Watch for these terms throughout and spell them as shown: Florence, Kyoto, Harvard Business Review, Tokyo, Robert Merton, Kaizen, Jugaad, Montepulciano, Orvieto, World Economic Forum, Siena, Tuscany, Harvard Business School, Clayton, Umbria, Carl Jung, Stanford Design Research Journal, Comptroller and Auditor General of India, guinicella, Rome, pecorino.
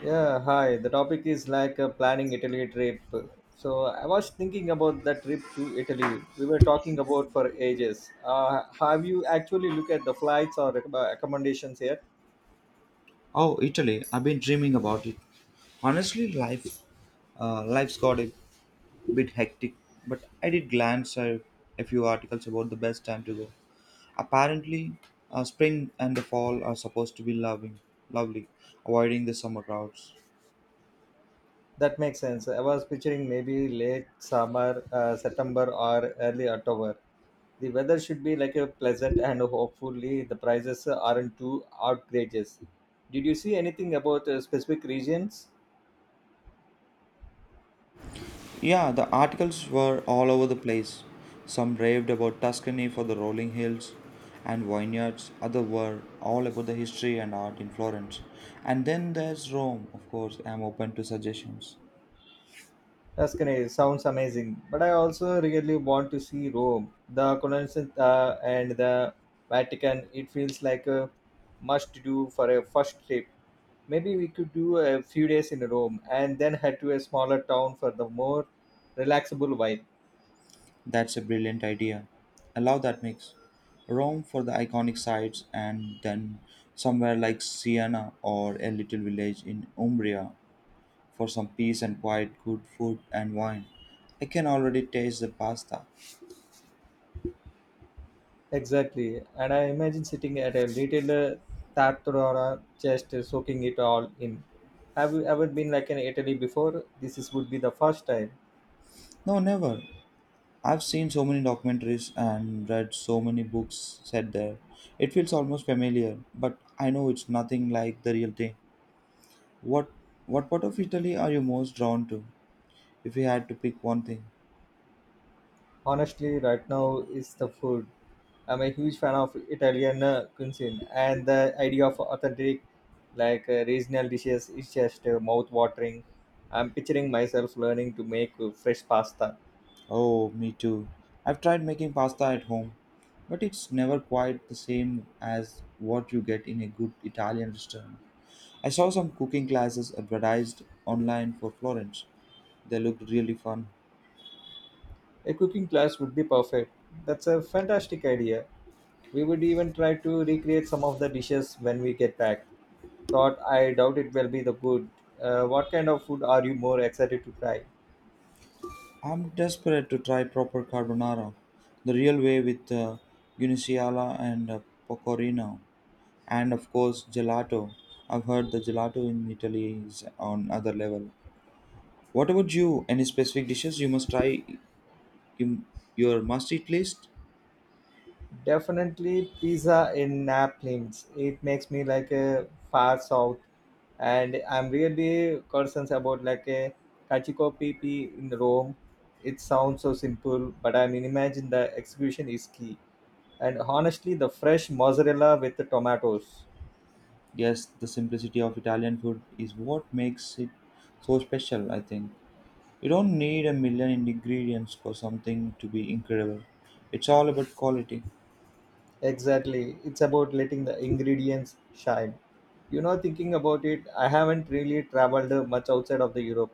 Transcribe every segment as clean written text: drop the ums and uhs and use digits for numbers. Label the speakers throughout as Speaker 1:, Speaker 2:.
Speaker 1: Yeah, hi. The topic is like planning Italy trip. So I was thinking about the trip to Italy. We were talking about for ages. Have you actually looked at the flights or accommodations yet?
Speaker 2: Oh, Italy! I've been dreaming about it. Honestly, life's got a bit hectic, but I did glance at a few articles about the best time to go. Apparently, spring and the fall are supposed to be lovely, avoiding the summer crowds.
Speaker 1: That makes sense. I was picturing maybe late summer, September or early October. The weather should be like a pleasant and hopefully the prices aren't too outrageous. Did you see anything about specific regions?
Speaker 2: Yeah, the articles were all over the place. Some raved about Tuscany for the rolling hills and vineyards, others were all about the history and art in Florence. And then there's Rome, of course, I'm open to suggestions.
Speaker 1: Tuscany sounds amazing, but I also really want to see Rome, the Colosseum, and the Vatican. It feels like a must-do for a first trip. Maybe we could do a few days in Rome and then head to a smaller town for the more relaxable vibe.
Speaker 2: That's a brilliant idea. Allow that mix. Rome for the iconic sites, and then somewhere like Siena or a little village in Umbria for some peace and quiet, good food and wine. I can already taste the pasta.
Speaker 1: Exactly, and I imagine sitting at a little tartara, just soaking it all in. Have you ever been like in Italy before? This would be the first time.
Speaker 2: No, never. I've seen so many documentaries and read so many books set there. It feels almost familiar, but I know it's nothing like the real thing. What what part of Italy are you most drawn to if you had to pick one thing?
Speaker 1: Honestly, right now it's the food. I'm a huge fan of Italian cuisine, and the idea of authentic, like regional dishes, is just mouth-watering. I'm picturing myself learning to make fresh pasta.
Speaker 2: Oh, me too. I've tried making pasta at home, but it's never quite the same as what you get in a good Italian restaurant. I saw some cooking classes advertised online for Florence. They looked really fun.
Speaker 1: A cooking class would be perfect. That's a fantastic idea. We would even try to recreate some of the dishes when we get back. Thought I doubt it will be the good. What kind of food are you more excited to try?
Speaker 2: I'm desperate to try proper carbonara, the real way with guinicella and pecorino, and of course gelato. I've heard the gelato in Italy is on other level. What about you? Any specific dishes you must try you, your must eat list?
Speaker 1: Definitely pizza in Naples. It makes me like a far south, and I'm really concerned about like a cacio pepe in Rome. It sounds so simple, but I mean, imagine the execution is key. And honestly, the fresh mozzarella with the tomatoes.
Speaker 2: Yes, the simplicity of Italian food is what makes it so special, I think. You don't need a million ingredients for something to be incredible. It's all about quality.
Speaker 1: Exactly, it's about letting the ingredients shine. Thinking about it, I haven't really traveled much outside of the Europe.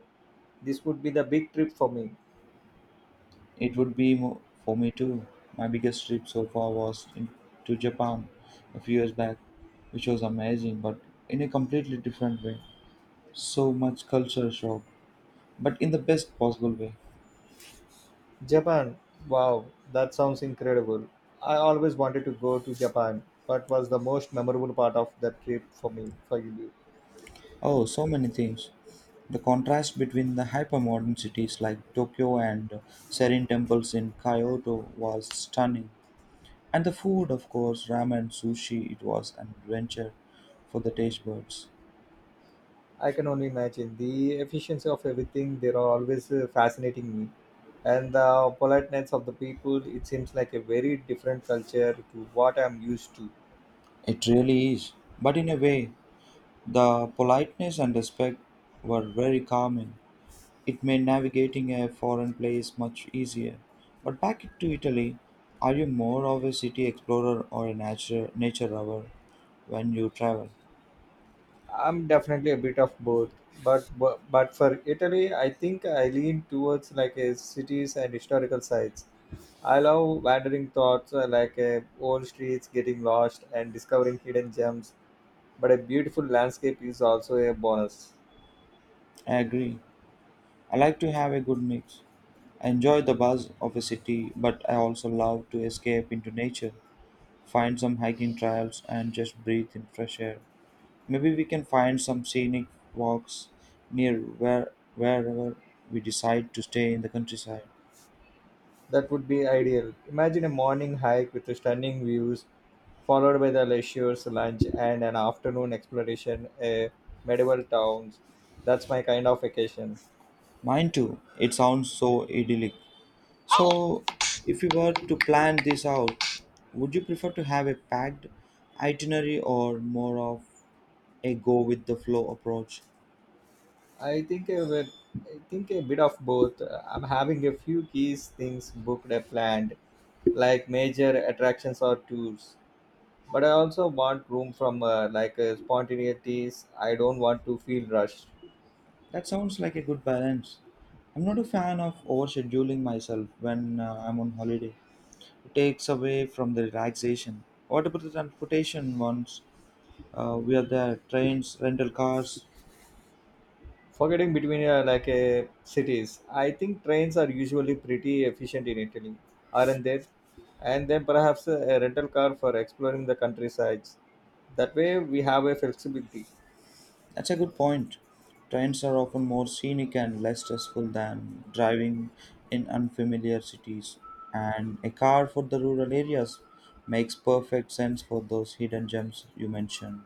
Speaker 1: This would be the big trip for me.
Speaker 2: It would be for me too. My biggest trip so far was to Japan a few years back, which was amazing, but in a completely different way. So much culture shock, but in the best possible way.
Speaker 1: Japan. Wow, that sounds incredible. I always wanted to go to Japan. What was the most memorable part of that trip for you?
Speaker 2: Oh, so many things. The contrast between the hypermodern cities like Tokyo and serene temples in Kyoto was stunning. And the food, of course, ramen, sushi, it was an adventure for the taste buds.
Speaker 1: I can only imagine the efficiency of everything. They are always fascinating me, and the politeness of the people. It seems like a very different culture to what I'm used to.
Speaker 2: It really is. But in a way, the politeness and respect were very calming. It made navigating a foreign place much easier. But back to Italy, are you more of a city explorer or a nature lover when you travel?
Speaker 1: I'm definitely a bit of both, but but for Italy, I think I lean towards like a cities and historical sites. I love wandering thoughts like old streets, getting lost, and discovering hidden gems. But a beautiful landscape is also a bonus.
Speaker 2: I agree. I like to have a good mix. I enjoy the buzz of a city, but I also love to escape into nature, find some hiking trails, and just breathe in fresh air. Maybe we can find some scenic walks near wherever we decide to stay in the countryside.
Speaker 1: That would be ideal. Imagine a morning hike with stunning views, followed by the leisure's lunch and an afternoon exploration, a medieval towns. That's my kind of vacation.
Speaker 2: Mine too. It sounds so idyllic. So, if you were to plan this out, would you prefer to have a packed itinerary or more of a go with the flow approach?
Speaker 1: I think a, bit- I think a bit of both. I'm having a few key things booked and planned, like major attractions or tours. But I also want room from like spontaneities. I don't want to feel rushed.
Speaker 2: That sounds like a good balance. I'm not a fan of overscheduling myself when I'm on holiday. It takes away from the relaxation. What about the transportation ones? We are there, trains, rental cars.
Speaker 1: Forgetting between like cities, I think trains are usually pretty efficient in Italy, aren't they? And then perhaps a rental car for exploring the countrysides. That way we have a flexibility.
Speaker 2: That's a good point. Trains are often more scenic and less stressful than driving in unfamiliar cities. And a car for the rural areas makes perfect sense for those hidden gems you mentioned.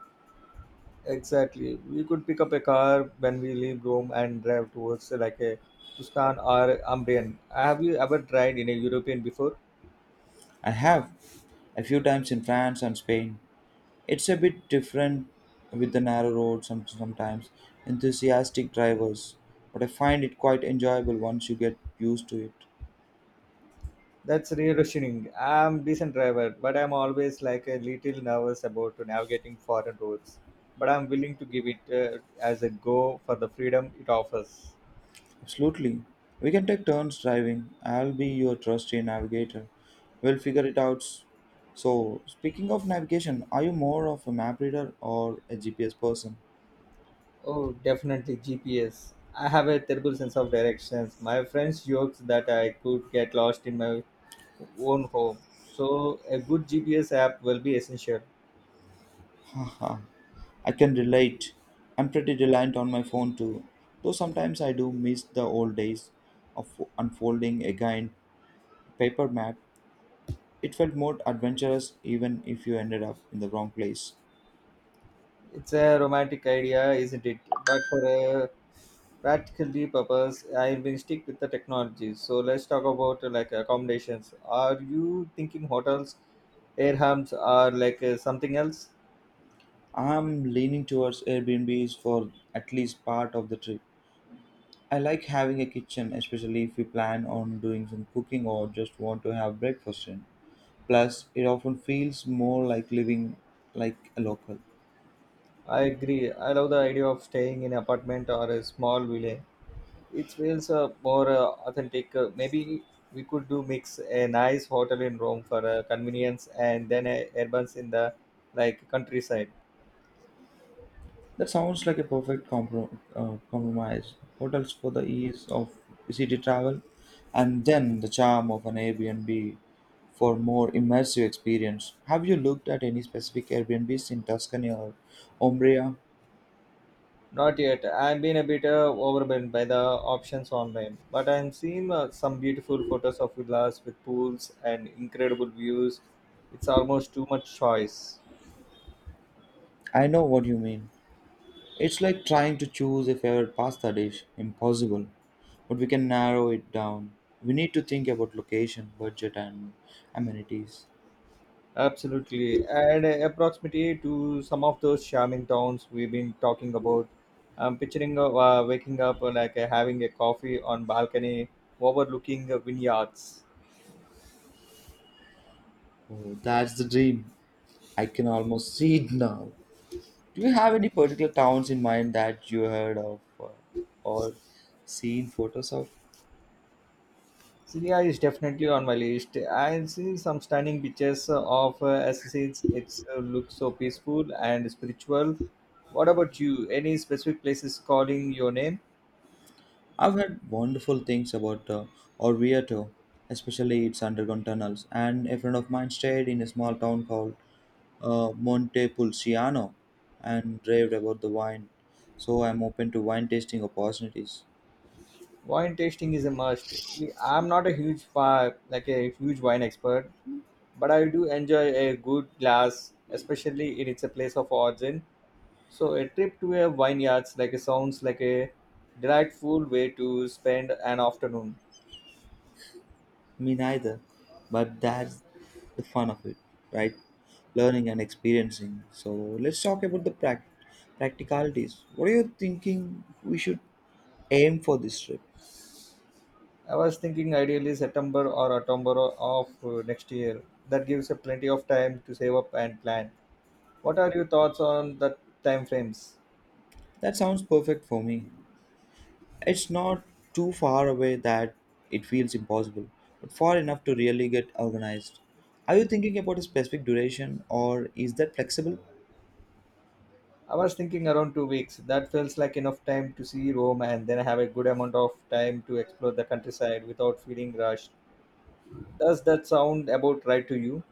Speaker 1: Exactly. We could pick up a car when we leave Rome and drive towards like a Tuscan or Umbrian. Have you ever tried in a European before?
Speaker 2: I have a few times in France and Spain. It's a bit different with the narrow road sometimes, enthusiastic drivers, but I find it quite enjoyable once you get used to it.
Speaker 1: That's reassuring. I'm decent driver, but I'm always like a little nervous about navigating foreign roads. But I'm willing to give it as a go for the freedom it offers.
Speaker 2: Absolutely. We can take turns driving. I'll be your trusty navigator. We'll figure it out. So, speaking of navigation, are you more of a map reader or a GPS person?
Speaker 1: Oh, definitely GPS. I have a terrible sense of directions. My friends jokes that I could get lost in my own home. So a good GPS app will be essential.
Speaker 2: Haha, I can relate. I'm pretty reliant on my phone too, though sometimes I do miss the old days of unfolding a giant paper map. It felt more adventurous even if you ended up in the wrong place.
Speaker 1: It's a romantic idea, isn't it? But for a practical purpose, I will stick with the technology. So let's talk about like accommodations. Are you thinking hotels, air hubs, or like something else?
Speaker 2: I'm leaning towards Airbnbs for at least part of the trip. I like having a kitchen, especially if we plan on doing some cooking or just want to have breakfast in. Plus, it often feels more like living like a local.
Speaker 1: I agree. I love the idea of staying in an apartment or a small villa. It feels more authentic. Maybe we could do mix a nice hotel in Rome for convenience and then a urbans in the like countryside.
Speaker 2: That sounds like a perfect compromise. Hotels for the ease of city travel, and then the charm of an Airbnb for more immersive experience. Have you looked at any specific Airbnbs in Tuscany or Umbria?
Speaker 1: Not yet. I've been a bit overwhelmed by the options online, but I'm seeing some beautiful photos of villas with pools and incredible views. It's almost too much choice.
Speaker 2: I know what you mean. It's like trying to choose a favorite pasta dish. Impossible. But we can narrow it down. We need to think about location, budget, and amenities.
Speaker 1: Absolutely. And proximity to some of those charming towns we've been talking about. I'm picturing waking up like having a coffee on balcony overlooking vineyards.
Speaker 2: Oh, that's the dream. I can almost see it now. Do you have any particular towns in mind that you heard of or seen photos of?
Speaker 1: Syria is definitely on my list. I've seen some stunning pictures of Assassins. It looks so peaceful and spiritual. What about you? Any specific places calling your name?
Speaker 2: I've heard wonderful things about Orvieto, especially its underground tunnels. And a friend of mine stayed in a small town called Montepulciano and raved about the wine. So I'm open to wine tasting opportunities.
Speaker 1: Wine tasting is a must. I'm not a huge like a huge wine expert, but I do enjoy a good glass, especially in it's a place of origin. So a trip to a vineyards like a sounds like a delightful way to spend an afternoon.
Speaker 2: Me neither, but that's the fun of it, right? Learning and experiencing. So let's talk about the practicalities. What are you thinking we should aim for this trip?
Speaker 1: I was thinking ideally September or October of next year. That gives a plenty of time to save up and plan. What are your thoughts on the time frames?
Speaker 2: That sounds perfect for me. It's not too far away that it feels impossible, but far enough to really get organized. Are you thinking about a specific duration or is that flexible?
Speaker 1: I was thinking around 2 weeks. That feels like enough time to see Rome and then have a good amount of time to explore the countryside without feeling rushed. Does that sound about right to you?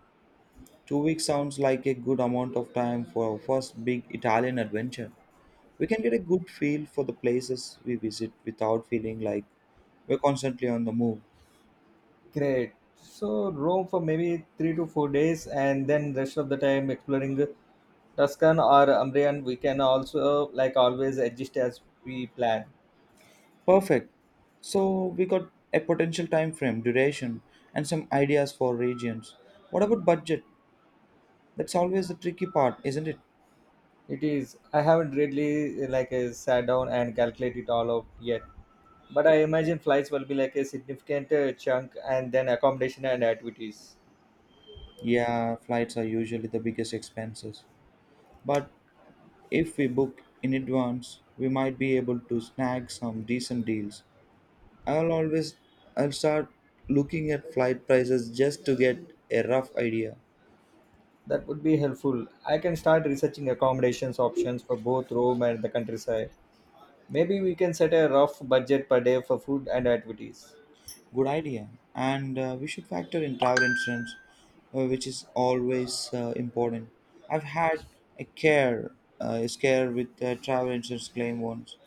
Speaker 2: 2 weeks sounds like a good amount of time for our first big Italian adventure. We can get a good feel for the places we visit without feeling like we're constantly on the move.
Speaker 1: Great. So Rome for maybe 3 to 4 days, and then rest of the time exploring Tuscan or Umbrian. We can also like always adjust as we plan.
Speaker 2: Perfect. So we got a potential time frame, duration, and some ideas for regions. What about budget? That's always the tricky part, isn't it?
Speaker 1: It is. I haven't really like sat down and calculated it all out yet, but I imagine flights will be like a significant chunk, and then accommodation and activities.
Speaker 2: Yeah, flights are usually the biggest expenses. But if we book in advance, we might be able to snag some decent deals. I'll always I'll start looking at flight prices just to get a rough idea.
Speaker 1: That would be helpful. I can start researching accommodations options for both Rome and the countryside. Maybe we can set a rough budget per day for food and activities.
Speaker 2: Good idea. And we should factor in travel insurance, which is always important. I've had a care a scare with a travel insurance claim once,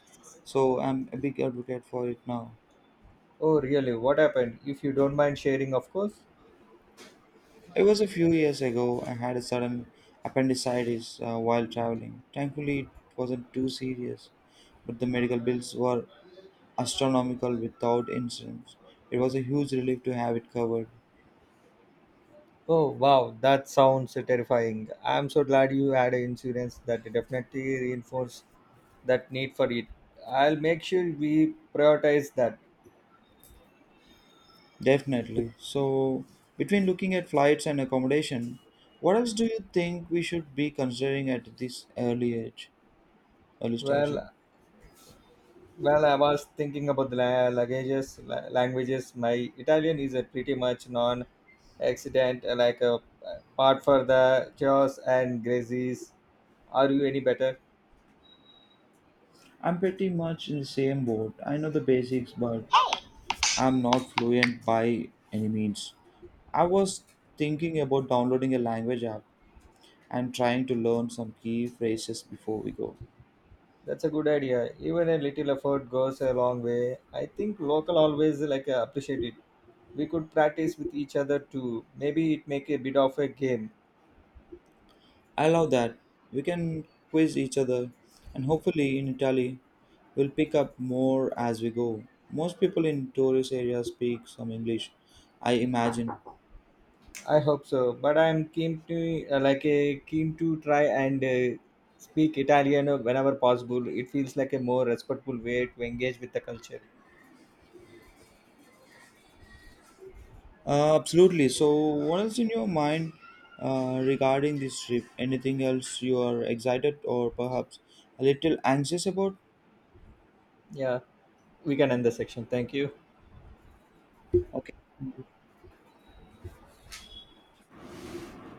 Speaker 2: so I'm a big advocate for it now.
Speaker 1: Oh, really? What happened? If you don't mind sharing, of course.
Speaker 2: It was a few years ago. I had a sudden appendicitis while traveling. Thankfully, it wasn't too serious, but the medical bills were astronomical without incidents. It was a huge relief to have it covered.
Speaker 1: Oh, wow, that sounds terrifying. I'm so glad you had an insurance that definitely reinforced that need for it. I'll make sure we prioritize that.
Speaker 2: Definitely. So, between looking at flights and accommodation, what else do you think we should be considering at this early stage?
Speaker 1: Well, well, I was thinking about the languages. Languages. My Italian is a pretty much non-accident, like a part for the chaos and graces. Are you any better?
Speaker 2: I'm pretty much in the same boat. I know the basics, but I'm not fluent by any means. I was thinking about downloading a language app and trying to learn some key phrases before we go.
Speaker 1: That's a good idea. Even a little effort goes a long way. I think local always like appreciate it. We could practice with each other too. Maybe it make a bit of a game.
Speaker 2: I love that. We can quiz each other, and hopefully, in Italy, we'll pick up more as we go. Most people in tourist areas speak some English, I imagine.
Speaker 1: I hope so. But I'm keen to like a keen to try and speak Italian whenever possible. It feels like a more respectful way to engage with the culture.
Speaker 2: Absolutely. So, what else in your mind regarding this trip? Anything else you are excited or perhaps a little anxious about?
Speaker 1: Yeah, we can end the section. Thank you.
Speaker 2: Okay.